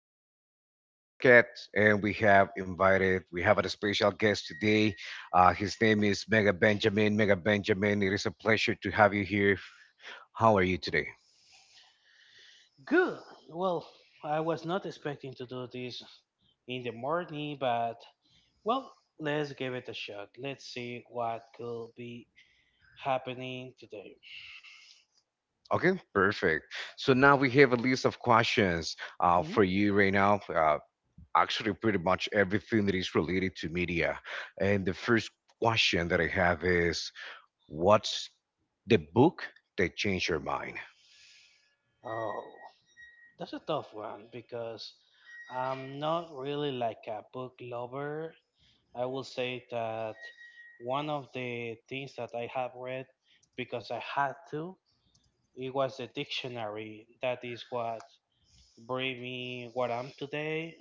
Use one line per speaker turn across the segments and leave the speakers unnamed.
this is our third podcast. And we have a special guest today. His name is Mega Benjamin. Mega Benjamin, it is a pleasure to have you here. How are you today?
Good. Well, I was not expecting to do this in the morning, but well, let's give it a shot. Let's see what could be happening today.
Okay, perfect. So now we have a list of questions
Mhm.
for you right now. Actually, pretty much everything that is related to media. And the first question that I have is what's the book that changed your mind?
Oh, that's a tough one because I'm not really a book lover. I will say that one of the things that I have read because I had to, it was the dictionary. That is what bring me what I'm today.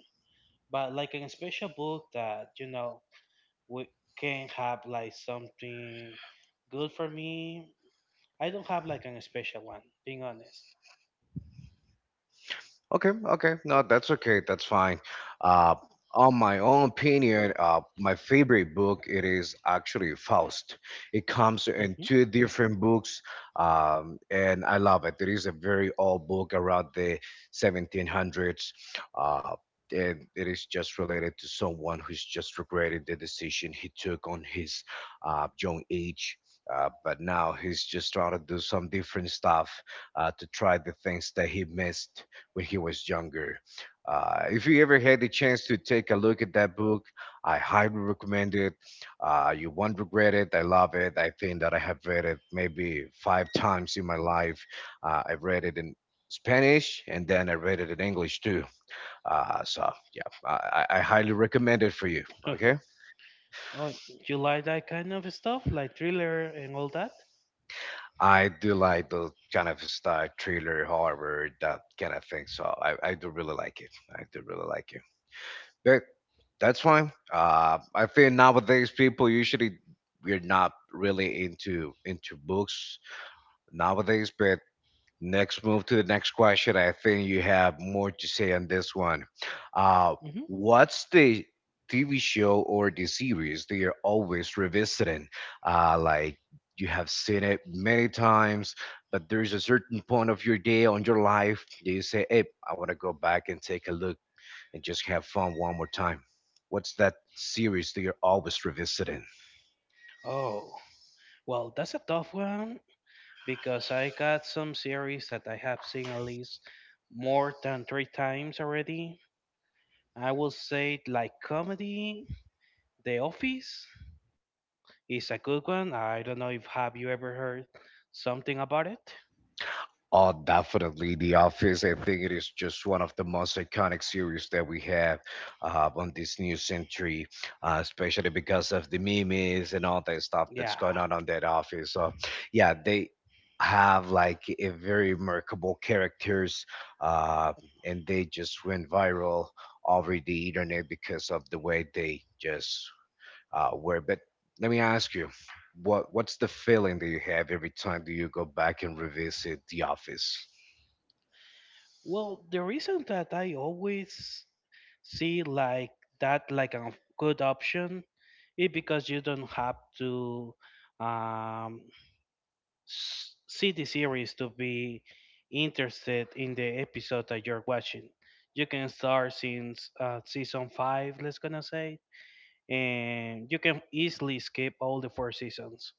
But like a special book that we can have like something good for me, I don't have like a special one, being honest.
Okay, okay. No, that's okay. That's fine. Uh, on my own opinion, my favorite book it is actually Faust. It comes in
Hmm.
two different books, and I love it. It is a very old book around the 1700s. Uh, and it is just related to someone who's just regretted the decision he took on his young age. But now he's just trying to do some different stuff to try the things that he missed when he was younger. If you ever had the chance to take a look at that book, I highly recommend it. You won't regret it. I love it. I think that I have read it maybe five times in my life. I read it in Spanish and then I read it in English too. So yeah, I highly recommend it for you. Okay.
Oh, you like that kind of stuff, like thriller and all that?
I do like the kind of style, thriller, horror, that kind of thing. So, I do really like it. I do really like it. But that's fine. I feel nowadays people usually we're not really into books nowadays. But next move to the next question. I think you have more to say on this one. Uh,
Hmm.
what's the TV show or the series that you're always revisiting? Like you have seen it many times, but there's a certain point of your day on your life that you say, "Hey, I want to go back and take a look," and just have fun one more time. What's that series that you're always revisiting?
Oh, well, that's a tough one because I got some series that I have seen at least more than three times already. I will say like comedy, The Office is a good one. I don't know if have you ever heard something about it?
Oh, definitely The Office. I think it is just one of the most iconic series that we have on this new century, especially because of the memes and all that stuff that's
Yeah.
going on that office. So, yeah, they have like a very remarkable characters, uh, and they just went viral over the internet because of the way they just where. But let me ask you, what's the feeling that you have every time that you go back and revisit The Office?
Well, the reason that I always see like that, like a good option, is because you don't have to um, see the series to be interested in the episode that you're watching. You can start since season 5, let's gonna say, and you can easily skip all the four seasons.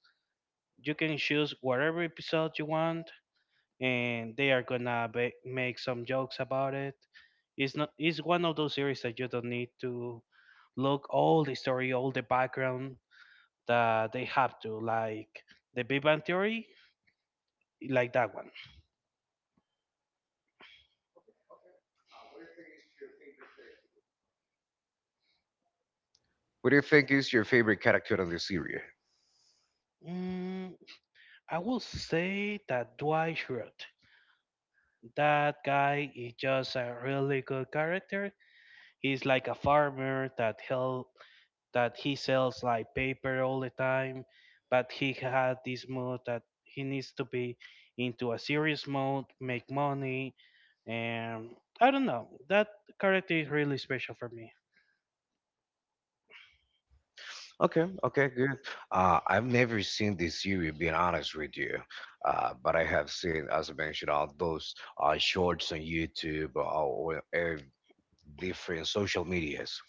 You can choose whatever episode you want and they are gonna ba make some jokes about it. It's not. It's one of those series that you don't need to look all the story, all the background that they have to, like the Big Bang Theory, like that one.
What do you think is your favorite character on the series?
Mm, I will say that Dwight Schrute, that guy is just a really good character. He's like a farmer that help, that he sells like paper all the time, but he had this mood that he needs to be into a serious mode, make money, and I don't know. That character is really special for me.
Okay, okay, good. I've never seen this series, being honest with you, but I have seen, as I mentioned, all those shorts on YouTube or, or different social medias.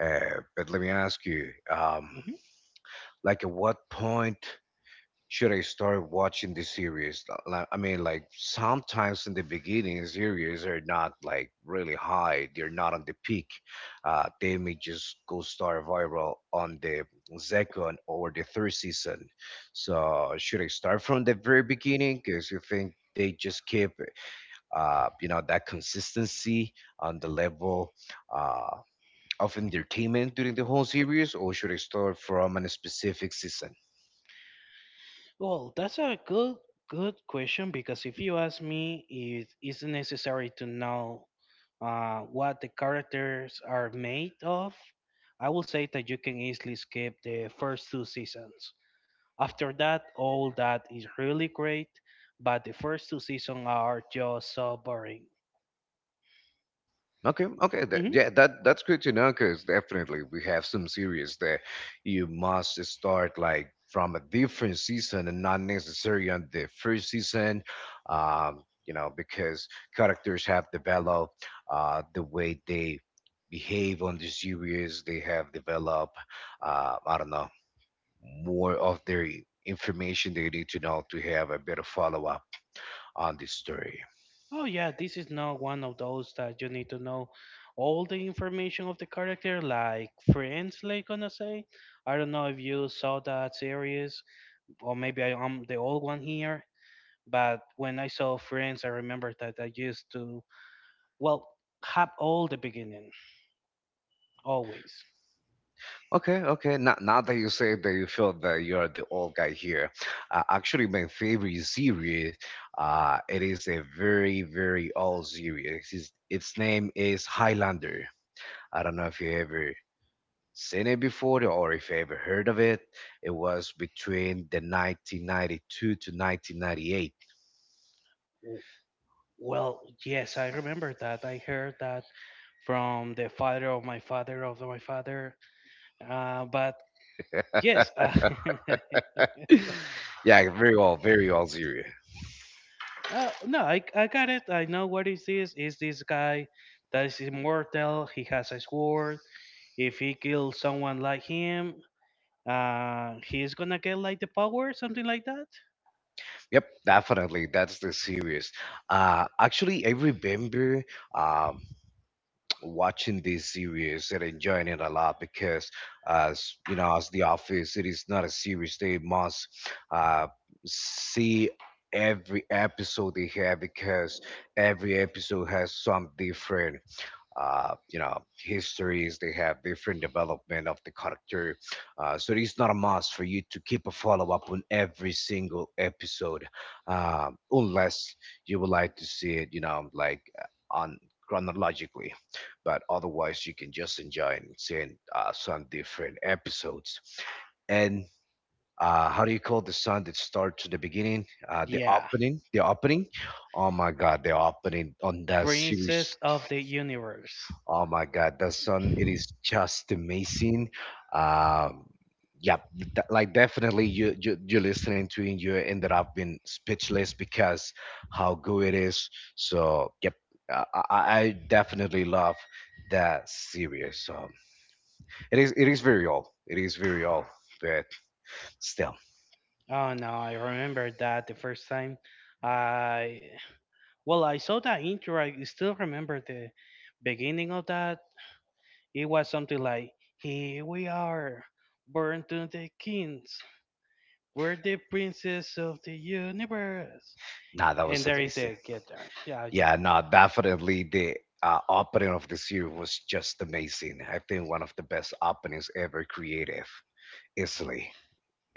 But let me ask you,
Mhm.
like, at what point should I start watching the series? I mean, like sometimes in the beginning, series are not like really high. They're not on the peak. They may just go star viral on the second or the third season. So should I start from the very beginning? Because you think they just keep, you know, that consistency on the level Uh, of entertainment during the whole series, or should I start from a specific season?
Well, that's a good question, because if you ask me, it isn't necessary to know what the characters are made of. I will say that you can easily skip the first two seasons. After that, all that is really great, but the first two seasons are just so boring.
Okay, okay,
Hmm.
yeah, that's good to know because definitely we have some series that you must start like from a different season and not necessarily on the first season, you know, because characters have developed the way they behave on the series. They have developed, I don't know, more of their information they need to know to have a better follow up on the story.
Oh yeah, this is not one of those that you need to know all the information of the character, like Friends, like gonna say. I don't know if you saw that series, or maybe I am the old one here. But when I saw Friends, I remember that I used to, well, have all the beginning always.
Okay, okay. Now, now that you say that you feel that you are the old guy here, actually, my favorite series, it is a very, very old series. It's, its name is Highlander. I don't know if you ever seen it before or if you ever heard of it. It was between the 1992 to 1998.
Well, yes, I remember that. I heard that from the father of my father. But yes,
Yeah, very old series.
no, I got it. I know what is this. Is this guy that is immortal? He has a sword. If he kills someone like him, he's gonna get like the power, something like that.
Yep, definitely. That's the series. Actually, I remember Um, watching this series and enjoying it a lot because as you know as the office it is not a series they must uh, see every episode they have because every episode has some different you know histories they have different development of the character so it's not a must for you to keep a follow-up on every single episode unless you would like to see it you know like on chronologically but otherwise you can just enjoy and seeing some different episodes and how do you call the song that starts to the beginning?
Yeah,
The opening. Oh my God, the opening on that
Princess
series.
of the Universe.
Oh my God, that song, it is just amazing. Um, yeah, like definitely you you're listening to it, and you ended up being speechless because how good it is. So yep, I, I I definitely love that series. So it is very old. It is very old, but still,
Oh no, I remember that the first time. I Well, I saw that intro. I still remember the beginning of that. It was something like, "Here we are, born to the kings. We're the princess of the universe."
nah, that
And
was
there is
amazing.
a guitar. Yeah, yeah.
Yeah, no, definitely the opening of the series was just amazing. I think one of the best openings ever creative, easily,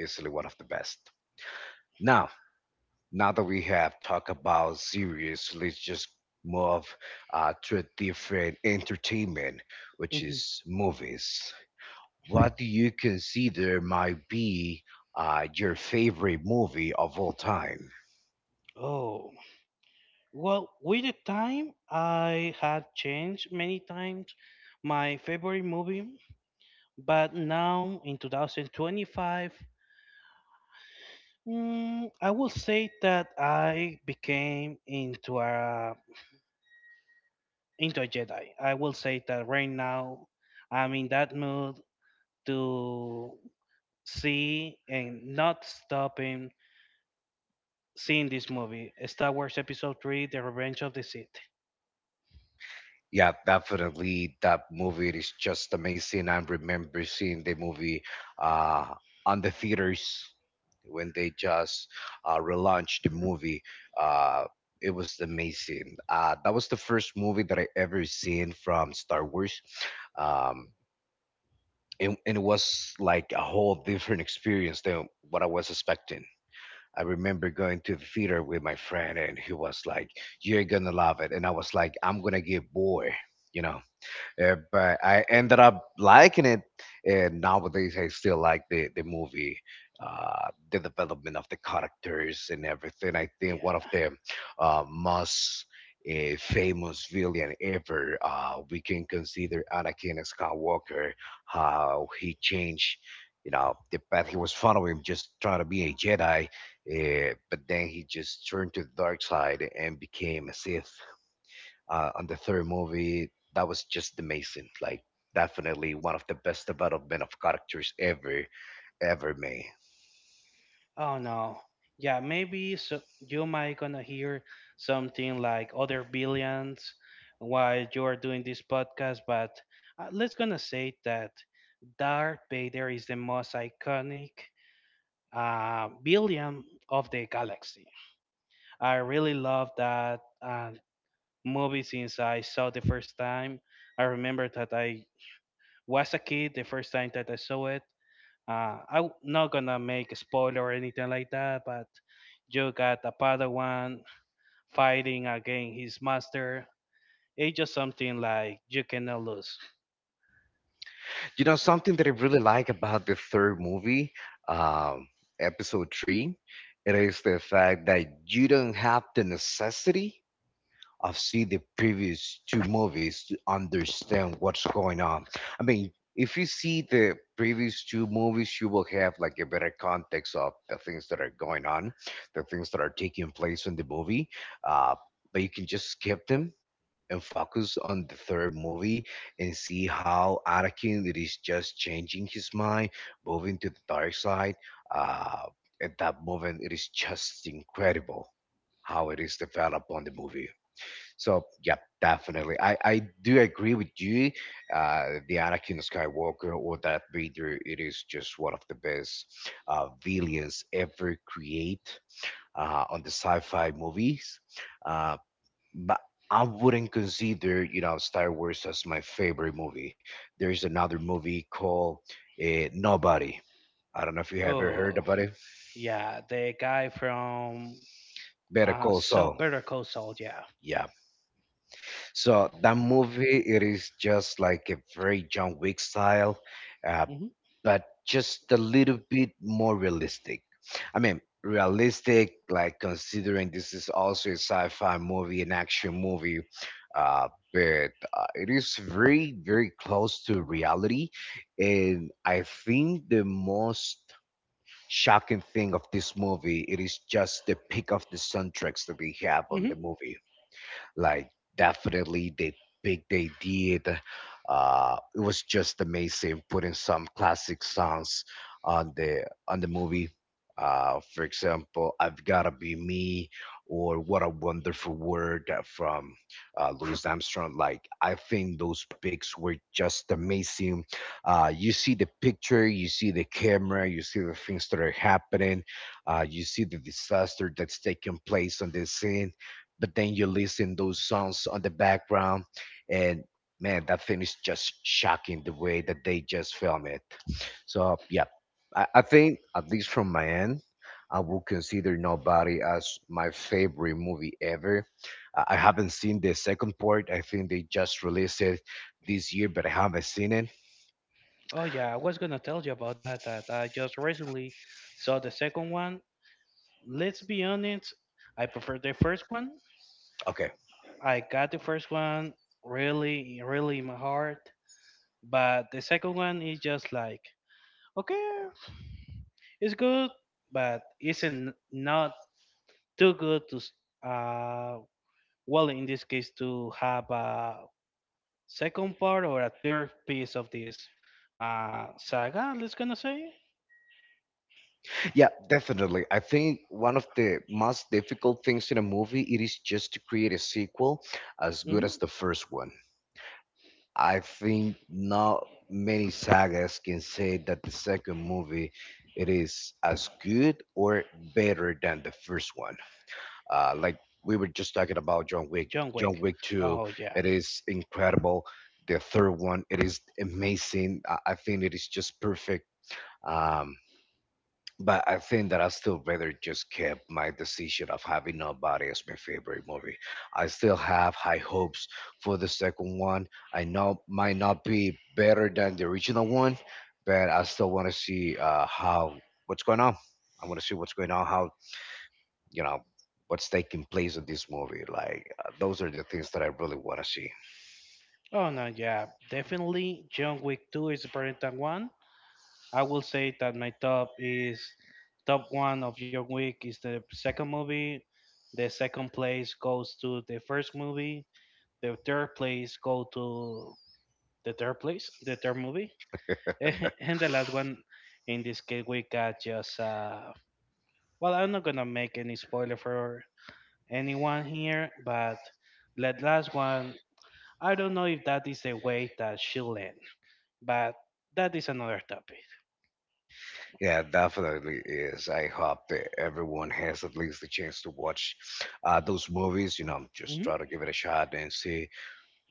easily one of the best. Now, now that we have talked about series, let's just move to a different entertainment, which
Mhm.
is movies. What do you consider might be your favorite movie of all time?
Oh, well, with the time, I had changed many times my favorite movie, but now in 2025, I will say that I became into a Jedi. I will say that right now I'm in that mood to see and not stopping seeing this movie, Star Wars Episode Three: The Revenge of the Sith.
Yeah, definitely. That movie is just amazing. I remember seeing the movie uh, on the theaters when they just relaunched the movie. Uh, it was amazing. That was the first movie that I ever seen from Star Wars. Um, and it was like a whole different experience than what I was expecting. I remember going to the theater with my friend, and he was like, "You're gonna love it," and I was like, "I'm gonna get bored," you know but I ended up liking it, and nowadays I still like the movie, the development of the characters and everything. I think
Yeah.
one of the most famous villain ever we can consider Anakin Skywalker, how he changed. You know the path he was following, just trying to be a Jedi, but then he just turned to the dark side and became a Sith on the third movie, that was just amazing. Like definitely one of the best development of characters ever made.
Oh no. Yeah, maybe so you might gonna hear something like other billions while you are doing this podcast, but let's gonna say that Darth Vader is the most iconic billion of the galaxy. I really love that movie since I saw the first time. I remember that I was a kid the first time that I saw it. I'm not gonna make a spoiler or anything like that, but you got a Padawan fighting against his master. It's just something like you cannot lose.
You know something that I really like about the third movie, um, episode three, it is the fact that you don't have the necessity I've seen the previous two movies to understand what's going on. I mean, if you see the previous two movies, you will have like a better context of the things that are going on, the things that are taking place in the movie. Uh, but you can just skip them and focus on the third movie and see how Anakin it is just changing his mind, moving to the dark side. Uh, at that moment, it is just incredible how it is developed on the movie. So yeah, definitely. I do agree with you. The Anakin Skywalker or Darth Vader, it is just one of the best villains ever create on the sci-fi movies. Uh, but I wouldn't consider you know Star Wars as my favorite movie. There is another movie called Nobody. I don't know if you ever heard
Oh,
about it.
yeah, the guy from
Better Call Saul.
Better Call Saul, yeah.
Yeah, so that movie, it is just like a very John Wick style, uh,
Hmm.
but just a little bit more realistic. I mean, realistic, like considering this is also a sci-fi movie, an action movie, uh, but it is very, very close to reality. And I think the most shocking thing of this movie, it is just the pick of the soundtracks that we have on
Hmm.
the movie. Like definitely the big they did. It was just amazing putting some classic songs on the movie. For example, I've Gotta Be Me or What a Wonderful World from Louis Armstrong. Like, I think those picks were just amazing. You see the picture, you see the camera, you see the things that are happening, you see the disaster that's taking place on the scene, but then you listen those songs on the background. And man, that thing is just shocking the way that they just film it. So yeah, I think at least from my end, I will consider Nobody as my favorite movie ever. I haven't seen the second part. I think they just released it this year, but I haven't seen it.
Oh yeah, I was gonna tell you about that, that I just recently saw the second one. Let's be honest, I prefer the first one.
Okay.
I got the first one really, really in my heart. But the second one is just like, okay, it's good, but isn't not too good to, uh, well, in this case, to have a second part or a third piece of this saga, let's gonna say.
Yeah, definitely. I think one of the most difficult things in a movie, it is just to create a sequel as
Hmm.
good as the first one. I think not many sagas can say that the second movie, it is as good or better than the first one. Like we were just talking about John Wick,
John
John
Wick.
Wick 2,
Oh, yeah.
it is incredible. The third one, it is amazing. I think it is just perfect. Um, but I think that I still rather just kept my decision of having Nobody as my favorite movie. I still have high hopes for the second one. I know might not be better than the original one, but I still want to see how what's going on. I want to see what's going on. How you know what's taking place in this movie. Like, those are the things that I really want to see.
Oh, no, yeah. Definitely, John Wick 2 is better than 1. I will say that my top is top one of your week is the second movie. The second place goes to the first movie. The third place go to the third place, the third movie, and the last one. In this case, we got just. Well, I'm not gonna make any spoiler for anyone here, but the last one, I don't know if that is the way that she'll end, but that is another topic.
Yeah, definitely is. I hope that everyone has at least the chance to watch those movies. You know, just
Hmm.
try to give it a shot and see.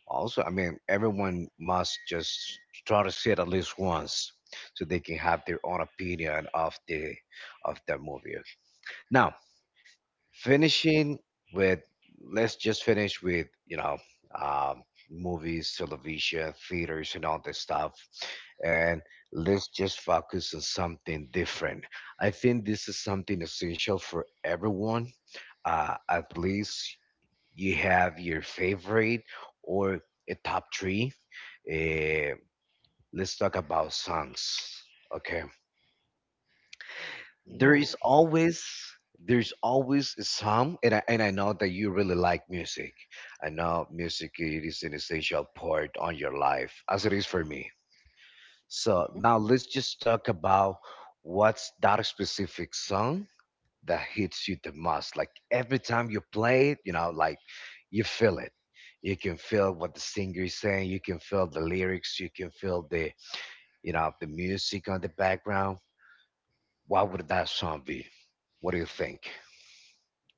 Also, I mean, everyone must just try to see it at least once so they can have their own opinion of the movie. Now, finishing with, let's just finish with, um, movies, television, theaters, and all this stuff, and let's just focus on something different. I think this is something essential for everyone. At least you have your favorite or a top three. uh, let's talk about songs. Okay. there
Oh.
is always there's always some. And I know that you really like music. I know music, it is an essential part on your life, as it is for me. So
Mhm.
now, let's just talk about what's that specific song that hits you the most. Like, every time you play it, you know, like, you feel it. You can feel what the singer is saying. You can feel the lyrics. You can feel the, the music on the background. What would that song be? What do you think?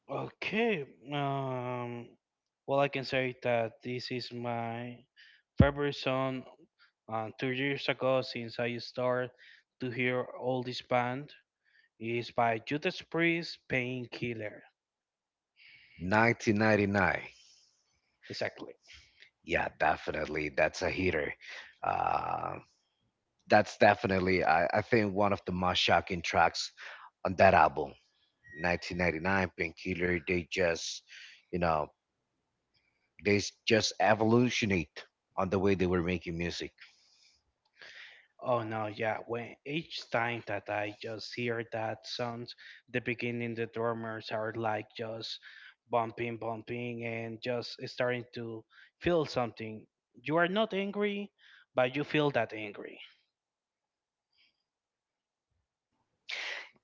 Okay. Um, well, I can say that this is my favorite song. 2 years ago, since I started to hear all this band, is by Judas Priest, Painkiller.
1999.
Exactly.
Yeah, definitely. That's a hitter. Uh, that's definitely, I think, one of the most shocking tracks on that album. 1999, Painkiller, they just, you know, just evolutionate on the way they were making music.
Oh no, yeah. When each time that I just hear that sounds, the beginning the drummers are like just bumping, bumping, and just starting to feel something. You are not angry, but you feel that angry.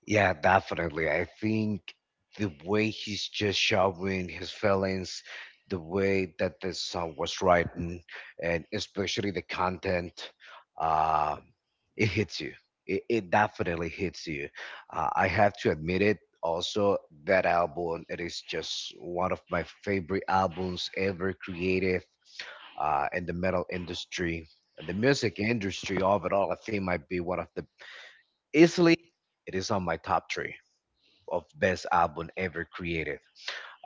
Yeah, definitely. I think the way he's just showing his feelings, the way that the song was written, and especially the content, uh, it hits you. It definitely hits you. I have to admit it. Also, that album, it is just one of my favorite albums ever created in the metal industry. And the music industry overall, I think might be one of the easily, it is on my top three of best album ever created.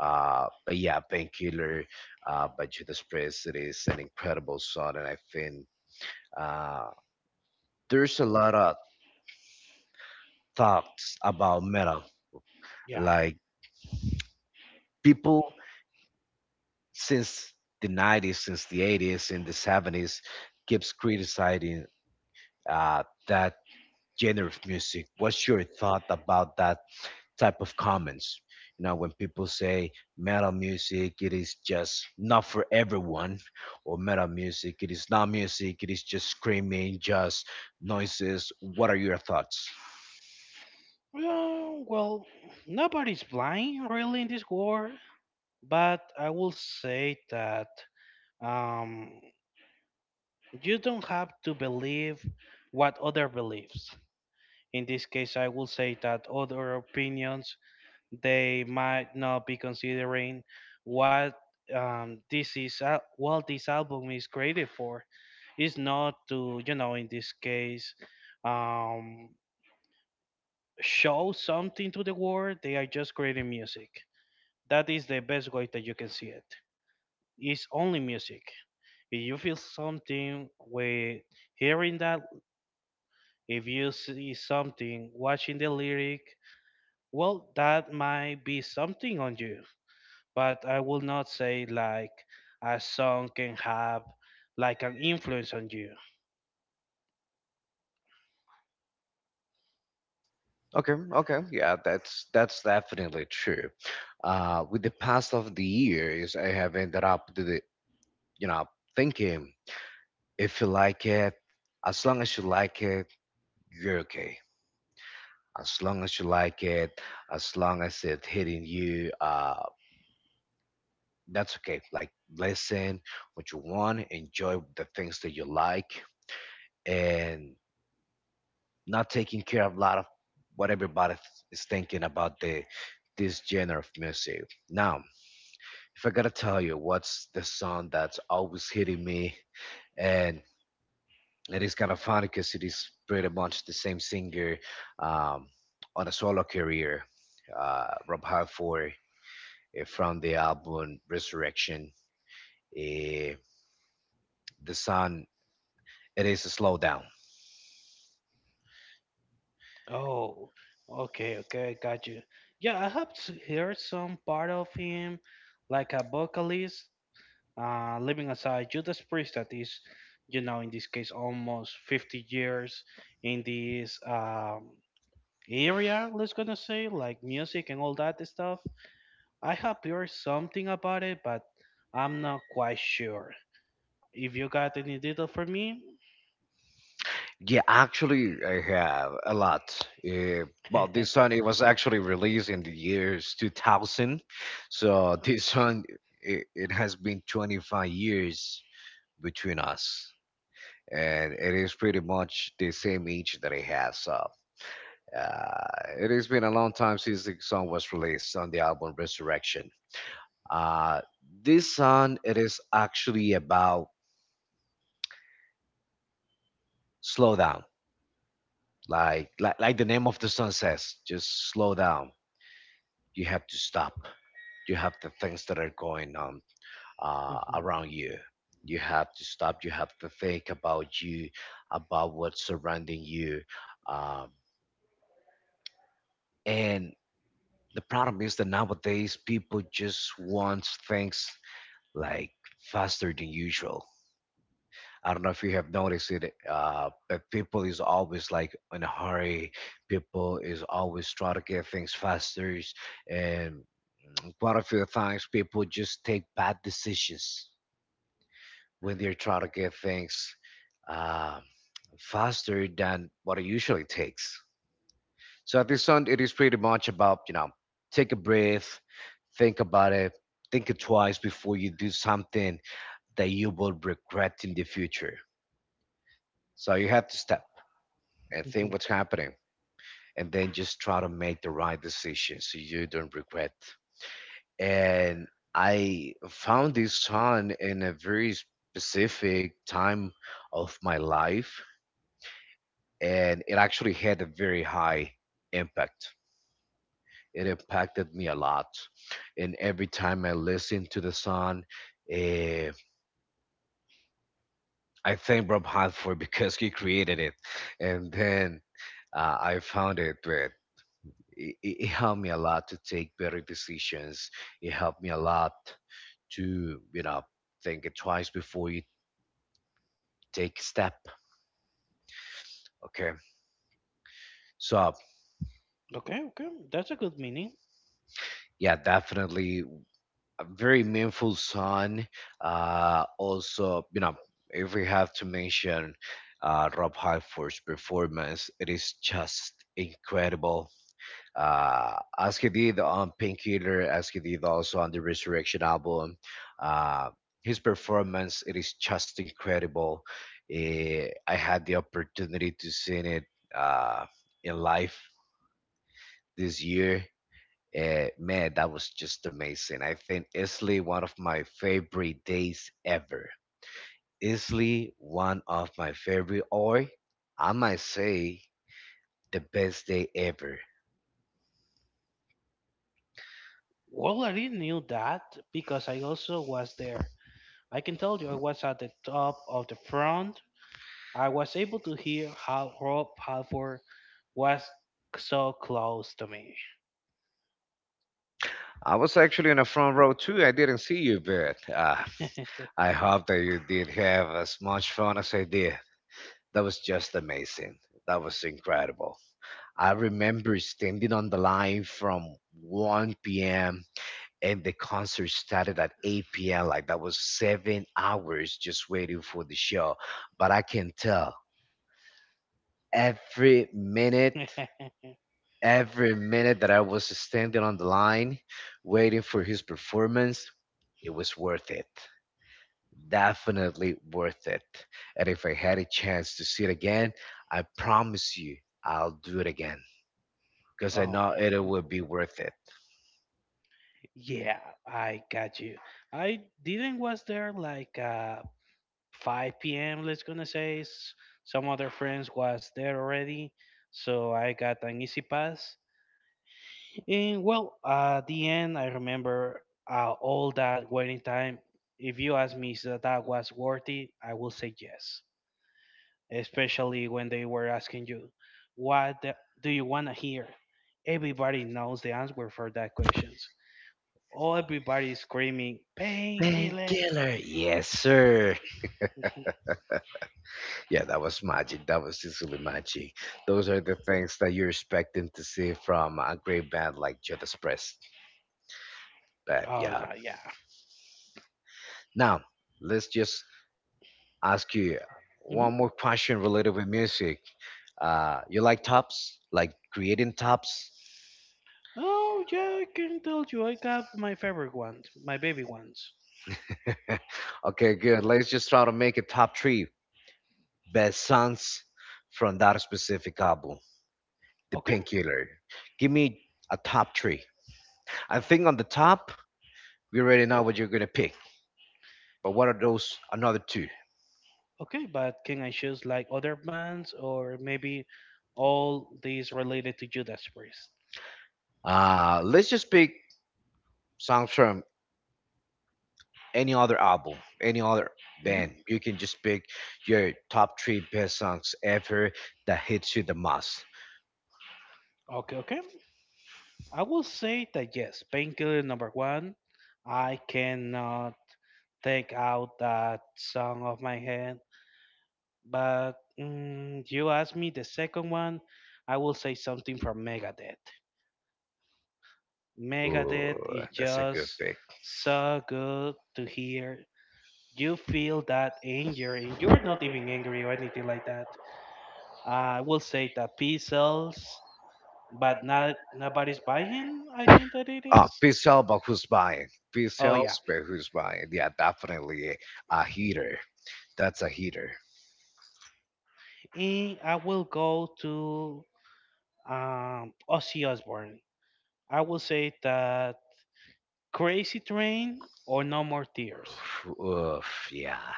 But yeah, Painkiller by Judas Priest, it is an incredible song. And I think uh, there's a lot of thoughts about metal.
Yeah.
Like, people since the 90s, since the 80s, in the 70s, keeps criticizing that genre of music. What's your thought about that type of comments? You know, when people say metal music, it is just not for everyone. Or metal music, it is not music, it is just screaming, just noises. What are your thoughts?
Well, nobody's blind really in this war, but I will say that um, you don't have to believe what other believes. In this case, I will say that other opinions they might not be considering what this is, what this album is created for. It's not to in this case um, show something to the world. They are just creating music. That is the best way that you can see it. It's only music. If you feel something with hearing that, if you see something watching the lyric, well, that might be something on you, but I will not say like a song can have like an influence on you.
Okay, okay, yeah, that's definitely true. With the past of the years, I have ended up, to the, you know, thinking if you like it, as long as you like it, you're okay. As long as you like it, as long as it's hitting you, that's okay. Like, listen what you want, enjoy the things that you like, and not taking care of a lot of what everybody is thinking about the this genre of music. Now, if I gotta tell you what's the song that's always hitting me, and it is kind of funny because it is pretty much the same singer um, on a solo career, Rob Halford from the album Resurrection. Uh, the song, it is a slowdown.
Oh, okay, okay, got you. Yeah, I have heard some part of him, like a vocalist, living aside Judas Priest, that is, in this case, almost 50 years in this area, let's gonna say, like music and all that stuff. I have heard something about it, but I'm not quite sure. If you got any data for me,
Yeah, actually, I have a lot. Well, this song, it was actually released in the years 2000, so this song, it has been 25 years between us, and it is pretty much the same age that I have. So it has been a long time since the song was released on the album Resurrection. Uh, this song, it is actually about slowdown. Like the name of the song says, just slow down. You have to stop. You have the things that are going on
mhm,
around you. You have to stop. You have to think about you, about what's surrounding you. um, and the problem is that nowadays people just want things like faster than usual. I don't know if you have noticed it, but people is always like in a hurry. People is always try to get things faster, and quite a few times people just take bad decisions when they're trying to get things uh, faster than what it usually takes. So at this end, it is pretty much about, take a breath, think about it, think it twice before you do something that you will regret in the future. So you have to step and think
mhm.
what's happening, and then just try to make the right decision so you don't regret. And I found this song in a very specific time of my life, and it actually had a very high impact. It impacted me a lot. And every time I listen to the song, eh, I thank Rob Halford because he created it. And then I found it with it, it helped me a lot to take better decisions. It helped me a lot to, think it twice before you take a step. Okay. So
Okay, okay, that's a good meaning.
yeah, definitely a very meaningful son. Also, if we have to mention Rob Halford's performance, it is just incredible. As he did on Painkiller, as he did also on the Resurrection album. Uh, his performance, it is just incredible. I had the opportunity to see it uh, in live this year. Man, that was just amazing. I think easily one of my favorite days ever. Easily one of my favorite, or I might say the best day ever.
Well, I did knew that because I also was there. I can tell you, I was at the top of the front. I was able to hear how Rob Halford was so close to me.
I was actually in the front row too. I didn't see you, but I hope that you did have as much fun as I did. That was just amazing. That was incredible. I remember standing on the line from 1 p.m., and the concert started at 8 p.m. Like, that was 7 hours just waiting for the show. But I can tell, every minute, every minute that I was standing on the line waiting for his performance, it was worth it. Definitely worth it. And if I had a chance to see it again, I promise you I'll do it again because I
Oh,
know it will be worth it.
yeah, I got you. I didn't was there like 5 p.m. Let's gonna say some other friends was there already, so I got an easy pass. And well, at the end, I remember all that waiting time. If you ask me if that was worthy, I will say yes. Especially when they were asking you, what the, do you wanna hear? Everybody knows the answer for that questions. All everybody is screaming painkiller.
Painkiller, yes, sir. Yeah, that was magic. That was Sicily magic. Those are the things that you're expecting to see from a great band like Judas Priest. But
Oh
yeah.
no, yeah.
Now, let's just ask you
Hmm.
one more question related with music. You like tops? Like creating tops?
Oh, yeah, I can tell you. I got my favorite ones, my baby ones.
Okay, good. Let's just try to make a top three best songs from that specific album, The
Okay,
Painkiller. Give me a top three. I think on the top, we already know what you're gonna pick. But what are those another two?
okay, but can I choose like other bands or maybe all these related to Judas Priest?
Let's just pick songs from any other album, any other
Mhm.
band. You can just pick your top three best songs ever that hits you the most.
Okay, okay. I will say that yes, Painkiller number one. I cannot take out that song of my head, but you ask me the second one. I will say something from Megadeth. Megadeth
Ooh,
is
that's a good
just
pick.
so good to hear. You feel that anger, and you're not even angry or anything like that. I will say that P sells, but not nobody's buying. I think that it
Ah,
is.
Peace Help But Who's Buying. Peace
Oh
Help
yeah,
But Who's Buying. Yeah, definitely a heater. That's a heater.
and I will go to Ozzy Osbourne. I will say that Crazy Train or No More Tears.
Oof, yeah.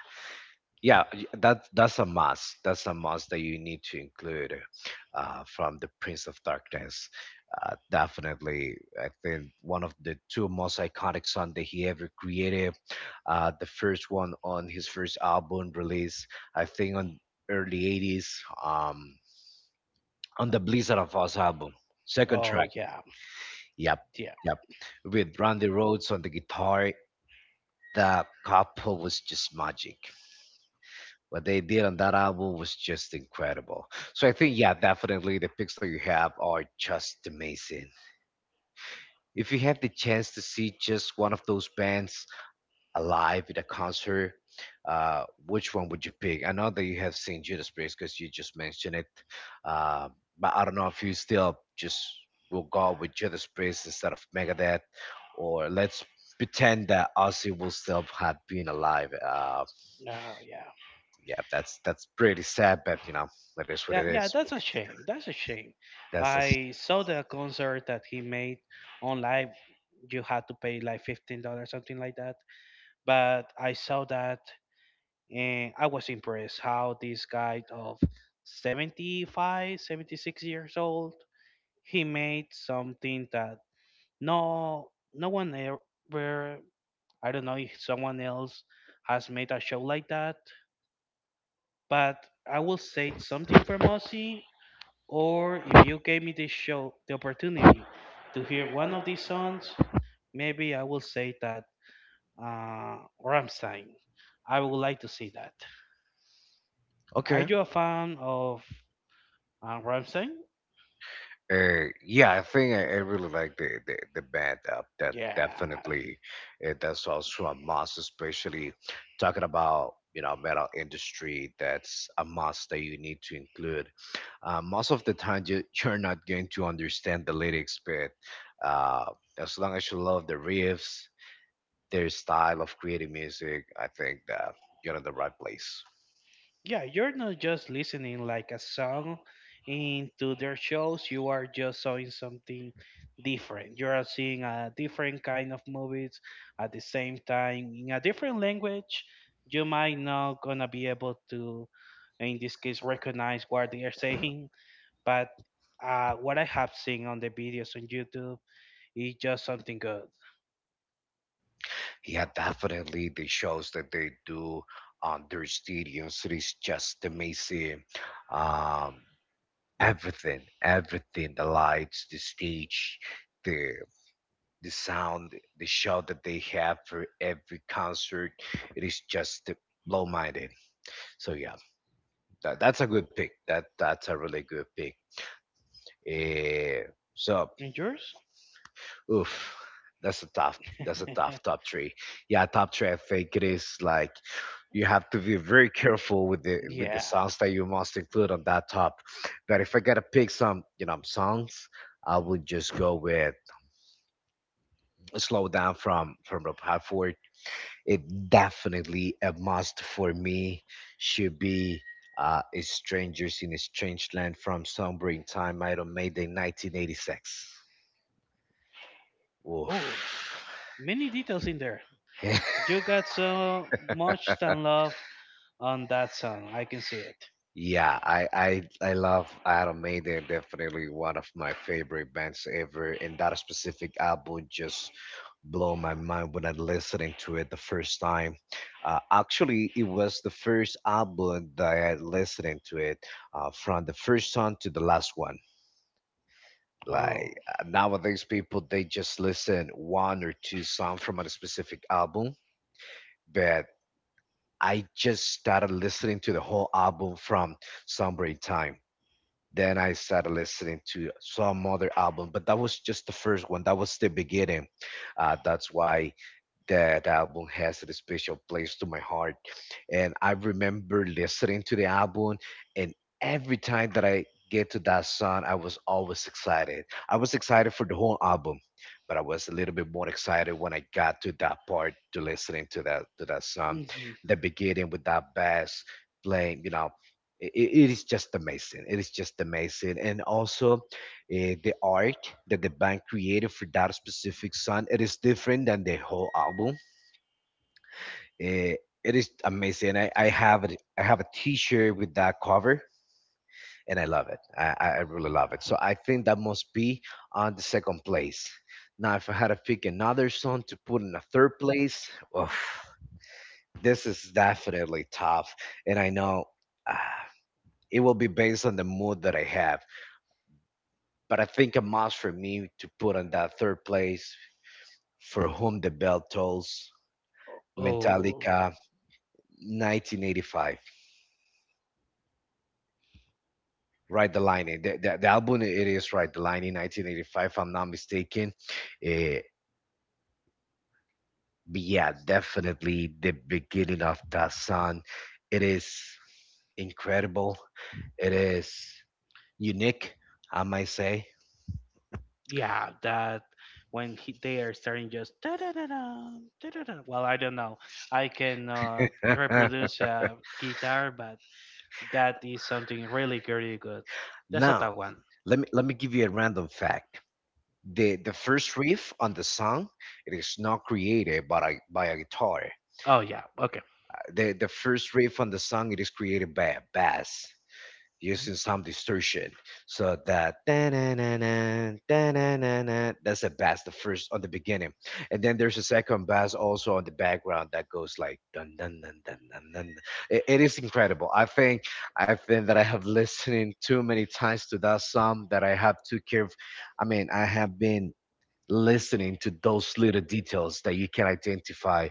Yeah, that's a must. That's a must that you need to include from the Prince of Darkness. Definitely, I think one of the two most iconic songs that he ever created. The first one on his first album release, I think, on early '80s, um, on the Blizzard of Oz album, second
Oh
track.
yeah,
Yep,
yeah,
yep, with Randy Rhoads on the guitar. The couple was just magic. What they did on that album was just incredible. So I think, yeah, definitely the picks that you have are just amazing. If you have the chance to see just one of those bands alive at a concert, which one would you pick? I know that you have seen Judas Priest because you just mentioned it, uh, but I don't know if you still just will go with Judas Priest instead of Megadeth, or let's pretend that Ozzy will still have been alive.
oh yeah.
Yeah, that's pretty sad, but you know, that is what it
That yeah,
is.
that's a shame. That's a shame.
That's just
I saw the concert that he made on live. You had to pay like $15, something like that. But I saw that, and I was impressed how this guy of 75, 76 years old, he made something that no one ever. I don't know if someone else has made a show like that. But I will say something for Mossy. Or if you gave me this show, the opportunity to hear one of these songs, maybe I will say that uh, Ramstein. I would like to see that. Are
okay.
you a fan of Ramstein?
Yeah, I think I really like the band. That
Yeah.
definitely, that's also a must, especially talking about metal industry. That's a must that you need to include. Most of the time, you you're not going to understand the lyrics, but uh, as long as you love the riffs, their style of creating music, I think that you're in the right place.
Yeah, you're not just listening like a song into their shows. You are just seeing something different. You are seeing a different kind of movies at the same time in a different language. You might not gonna be able to, in this case, recognize what they are saying. But what I have seen on the videos on YouTube is just something good.
Yeah, definitely. The shows that they do on their stadiums, it is just amazing. Um, everything, the lights, the stage, the sound, the show that they have for every concert, it is just blow minded. So yeah, that's a good pick. That's a really good pick. Eh, so,
And yours?
oof, that's a tough. That's a tough top three. Yeah, top three. I think it is like you have to be very careful with the
Yeah.
songs that you must include on that top. But if I gotta pick some, songs, I would just go with "Slow Down" from Rob Halford. It definitely a must for me. Should be a "Strangers in a Strange Land" from Somewhere in Time, Iron Maiden, 1986. Woof.
Oh, many details in you got so much than love on that song. I can see it.
Yeah, I love Iron Maiden. Definitely one of my favorite bands ever. And that specific album just blew my mind when I listening to it the first time. Actually, it was the first album that I listening to it from the first song to the last one. Like
Oh,
nowadays, people they just listen one or two songs from a specific album, but I just started listening to the whole album from Somewhere in Time. Then I started listening to some other album, but that was just the first one. That was the beginning. That's why that album has a special place to my heart. And I remember listening to the album, and every time that I get to that song, I was always excited. I was excited for the whole album, but I was a little bit more excited when I got to that part to listening to that song,
mhm.
the beginning with that bass playing. You know, it is just amazing. It is just amazing, and also the art that the band created for that specific song. It is different than the whole album. Eh, it is amazing. I have it. I have a T-shirt with that cover, and I love it. I really love it. So I think that must be on the second place. Now, if I had to pick another song to put in the third place, oof, this is definitely tough. And I know ah, it will be based on the mood that I have. But I think a must for me to put on that third place for whom the bell tolls
Oh,
Metallica, 1985, Ride the Lightning. The album it is Ride the Lightning, 1985, if I'm not mistaken. Eh, but yeah, definitely the beginning of that song. It is incredible. It is unique, I might say.
yeah. That when he, they are starting just da da da da da da da. Well, I don't know. I cannot reproduce a guitar, but that is something really, really good. That's a
Now,
tough one.
let me give you a random fact. The first riff on the song it is not created by a guitar.
Oh yeah. Okay.
The first riff on the song it is created by a bass
Mhm.
using some distortion, so that da-na-na-na, da-na-na-na, that's a bass the first on the beginning. And then there's a second bass also on the background that goes like dun dun dun dun dun dun. It is incredible. I think that I have listening too many times to that song that I have to care, I mean I have been listening to those little details that you can identify,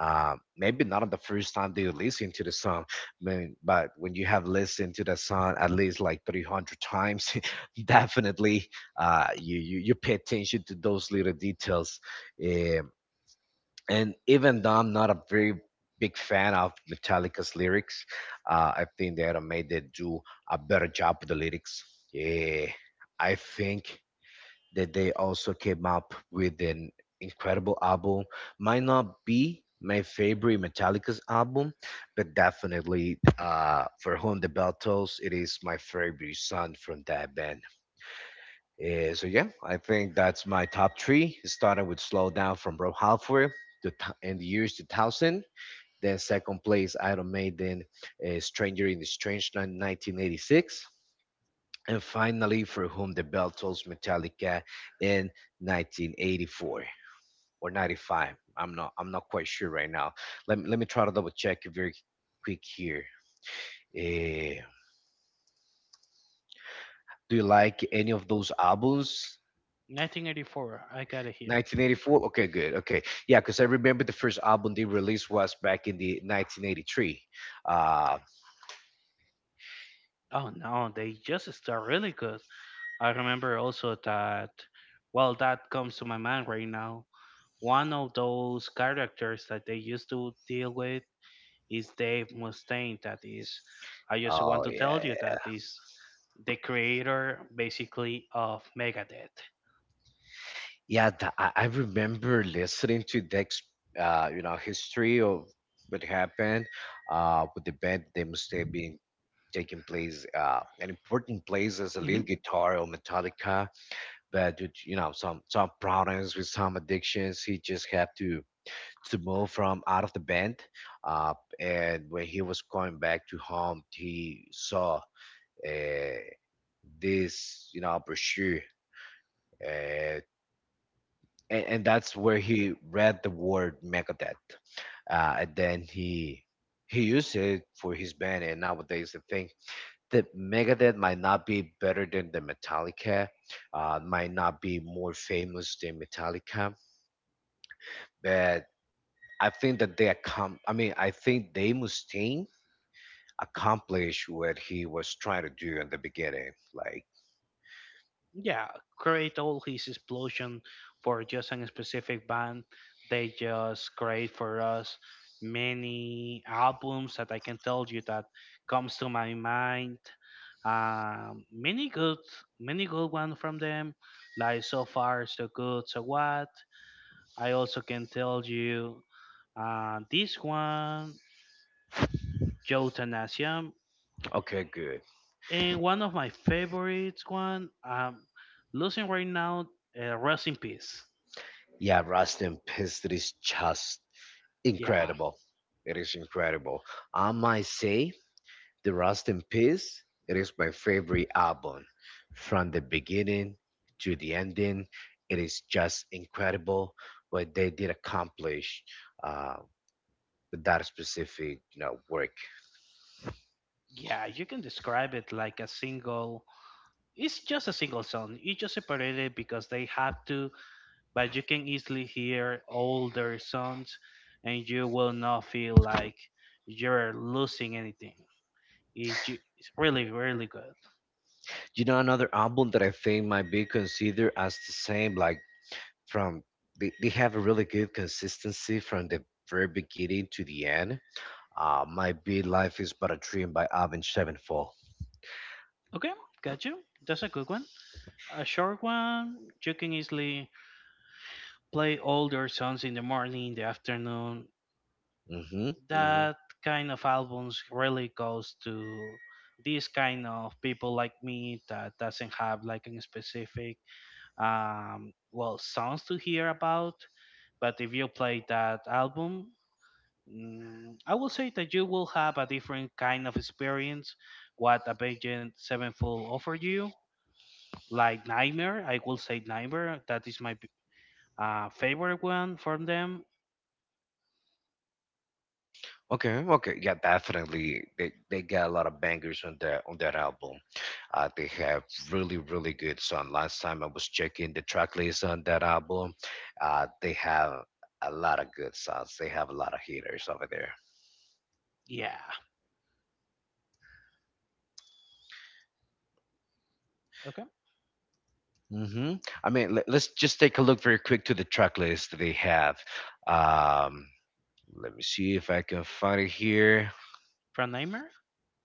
maybe not on the first time that you listen to the song, man, but when you have listened to the song at least like 300 times, definitely you pay attention to those little details. Um and even though I'm not a very big fan of Metallica's lyrics, I think they do a better job with the lyrics. Yeah, I think that they also came up with an incredible album. Might not be my favorite Metallica's album, but definitely for whom the bell tolls, it is my favorite song from that band. So yeah, I think that's my top three. Starting with "Slow Down" from Rob Halford in the years 2000. Then second place, Iron Maiden, "Stranger in the Strange" 1986, and finally for whom the bell tolls Metallica in 1984 or 95. I'm not quite sure right now. Let me try to double check very quick here. Eh, do you like any of those albums?
1984. I got it here.
1984. Okay, good. Okay. Yeah, because I remember the first album they released was back in the 1983. uh,
Oh no, they just start really good. I remember also that, well, that comes to my mind right now. One of those characters that they used to deal with is Dave Mustaine. That is, I just want
oh
to tell you
yeah.
that is the creator basically of Megadeth.
Yeah, I remember listening to Dex, history of what happened with the band. They must have been taking place an important place as a
Hmm,
lead guitar or Metallica, but due to, some problems with some addictions, he just had to move from out of the band. Uh, and When he was going back to home, he saw uh, this brochure. Uh, and that's where he read the word Megadeth, and then he used it for his band. And nowadays, I think that Megadeth might not be better than the Metallica, might not be more famous than Metallica, but I think that they I mean, I think Dave Mustaine accomplished what he was trying to do in the beginning. Like,
yeah, create all his explosion for just a specific band. They just create for us many albums that I can tell you that comes to my mind, many good, many good one from them, like So Far So Good So What. I also can tell you this one Jotanasium,
okay, good.
and one of my favorites one, losing right now, Rest in Peace.
Yeah, Rustin pissed his chest.
Yeah,
Incredible. It is incredible. I might say the Rust in Peace. It is my favorite album. From the beginning to the ending, it is just incredible what they did accomplish uh, with that specific work.
yeah, you can describe it like a single. It's just a single song. It's just separated because they have to, but you can easily hear older songs, and you will not feel like you're losing anything. It's really, really good.
You know, another album that I think might be considered as the same, like from they have a really good consistency from the very beginning to the end. Might be Life is But a Dream by Avenged Sevenfold.
Okay, got you. That's a good one. A short one. You can easily play older songs in the morning, in the afternoon.
Mm-hmm. Hmm.
That kind of albums really goes to these kind of people like me that doesn't have like a specific, um, well, songs to hear about. But if you play that album, I will say that you will have a different kind of experience. What Avenged Sevenfold offer you, like Nightmare, I will say Nightmare, that is my favorite one from them.
Okay. Okay. Yeah. Definitely. They got a lot of bangers on that album. They have really really good song. Last time I was checking the track list on that album, they have a lot of good songs. They have a lot of hitters over there.
Yeah, okay,
Mm-hmm. I mean, let's just take a look very quick to the track list that they have. Um, Let me see if I can find it here.
from Nightmare,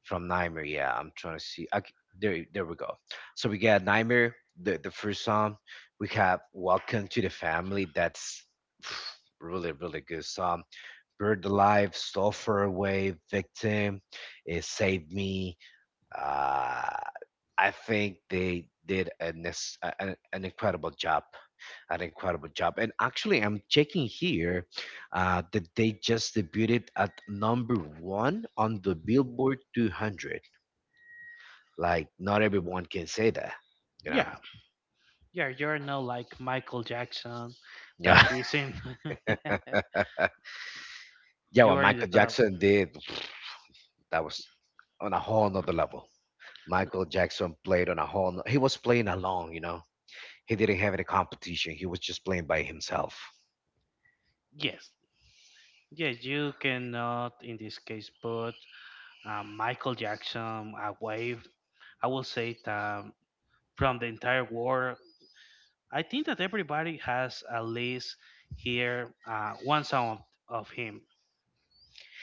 From Nightmare. Yeah, I'm trying to see. Okay, there we go. So we got Nightmare, the first song. We have Welcome to the Family. That's really really good song. Bird Alive, So Far Away, Victim, It Saved Me. Uh, I think they did an incredible job, an incredible job. And actually, I'm checking here that they just debuted at number one on the Billboard 200. Like not everyone can say that, you know.
yeah. Yeah, you're not like Michael Jackson
Yeah,
that is in
yeah.
you
What
are in the
Michael
top.
Jackson did, that was on a whole nother level. Michael Jackson played on a whole. No- He was playing alone. He didn't have any competition. He was just playing by himself.
Yes. Yes, you cannot in this case put Michael Jackson away. I will say that from the entire world, I think that everybody has at least here one song of him.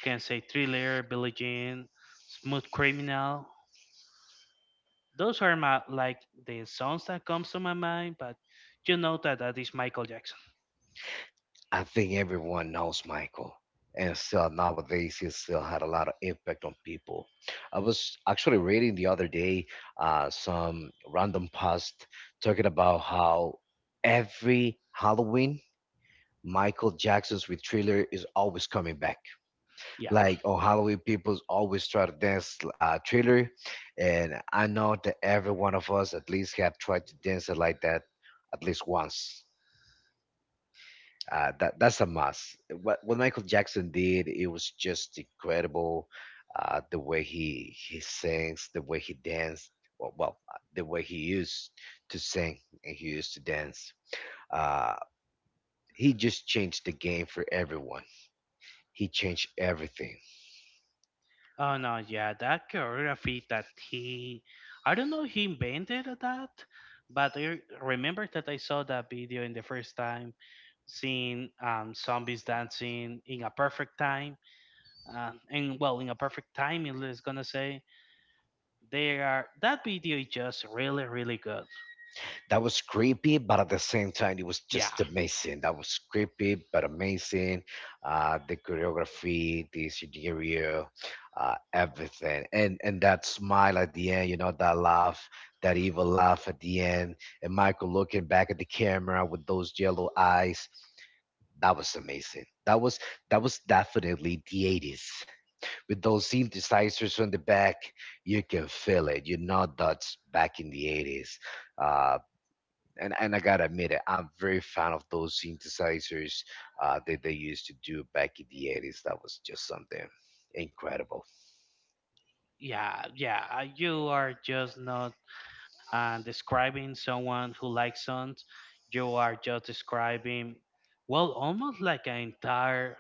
Can say Thriller, Billie Jean, Smooth Criminal. Those are my like the songs that comes to my mind, but you know that that is Michael Jackson.
I think everyone knows Michael, and still nowadays he still had a lot of impact on people. I was actually reading the other day some random post talking about how every Halloween Michael Jackson's with Thriller is always coming back.
Yeah.
Like on Halloween, people always try to dance Thriller, and I know that every one of us at least have tried to dance it like that at least once. That's a must. What Michael Jackson did, it was just incredible. The way he sings, the way he danced, well, the way he used to sing and he used to dance. Uh, he just changed the game for everyone. He changed everything.
Oh no, yeah, that choreography that he, I don't know, he invented that, but I remember that I saw that video in the first time, seeing zombies dancing in a perfect time, and well, in a perfect timing, it's gonna say they are. That video is just really, really good.
That was creepy, but at the same time, it was
Yeah,
just amazing. That was creepy, but amazing. The choreography, the scenario, everything, and that smile at the end, that laugh, that evil laugh at the end, and Michael looking back at the camera with those yellow eyes. That was amazing. That was definitely the 80s. With those synthesizers on the back, you can feel it. You know that's back in the 80s. Uh, and I gotta admit it, I'm very fan of those synthesizers that they used to do back in the 80s. That was just something incredible.
yeah, yeah. You are just not and describing someone who likes songs, you are just describing, well, almost like an entire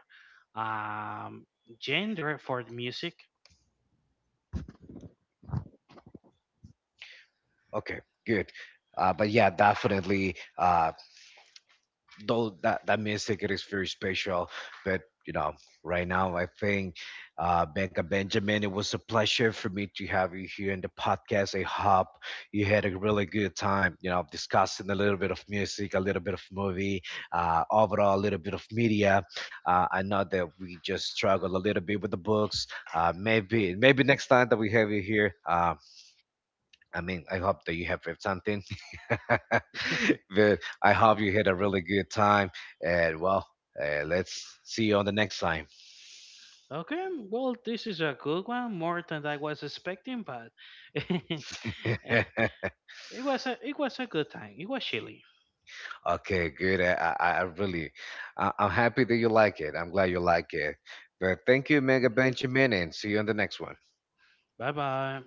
um, genre for the music.
Okay, good. But yeah, definitely. Though that music it is very special, but you know right now I think Becca Benjamin, it was a pleasure for me to have you here in the podcast. I hope you had a really good time discussing a little bit of music, a little bit of movie, overall a little bit of media. I know that we just struggle a little bit with the books. Maybe next time that we have you here. I mean, I hope that you have read something. But I hope you had a really good time. And well, let's see you on the next time.
Okay, well, this is a good one, more than I was expecting, but it it was a good time. It was chilly.
Okay, good. I'm happy that you like it. I'm glad you like it. But thank you, Mega Benjamin, and see you on the next one.
Bye bye.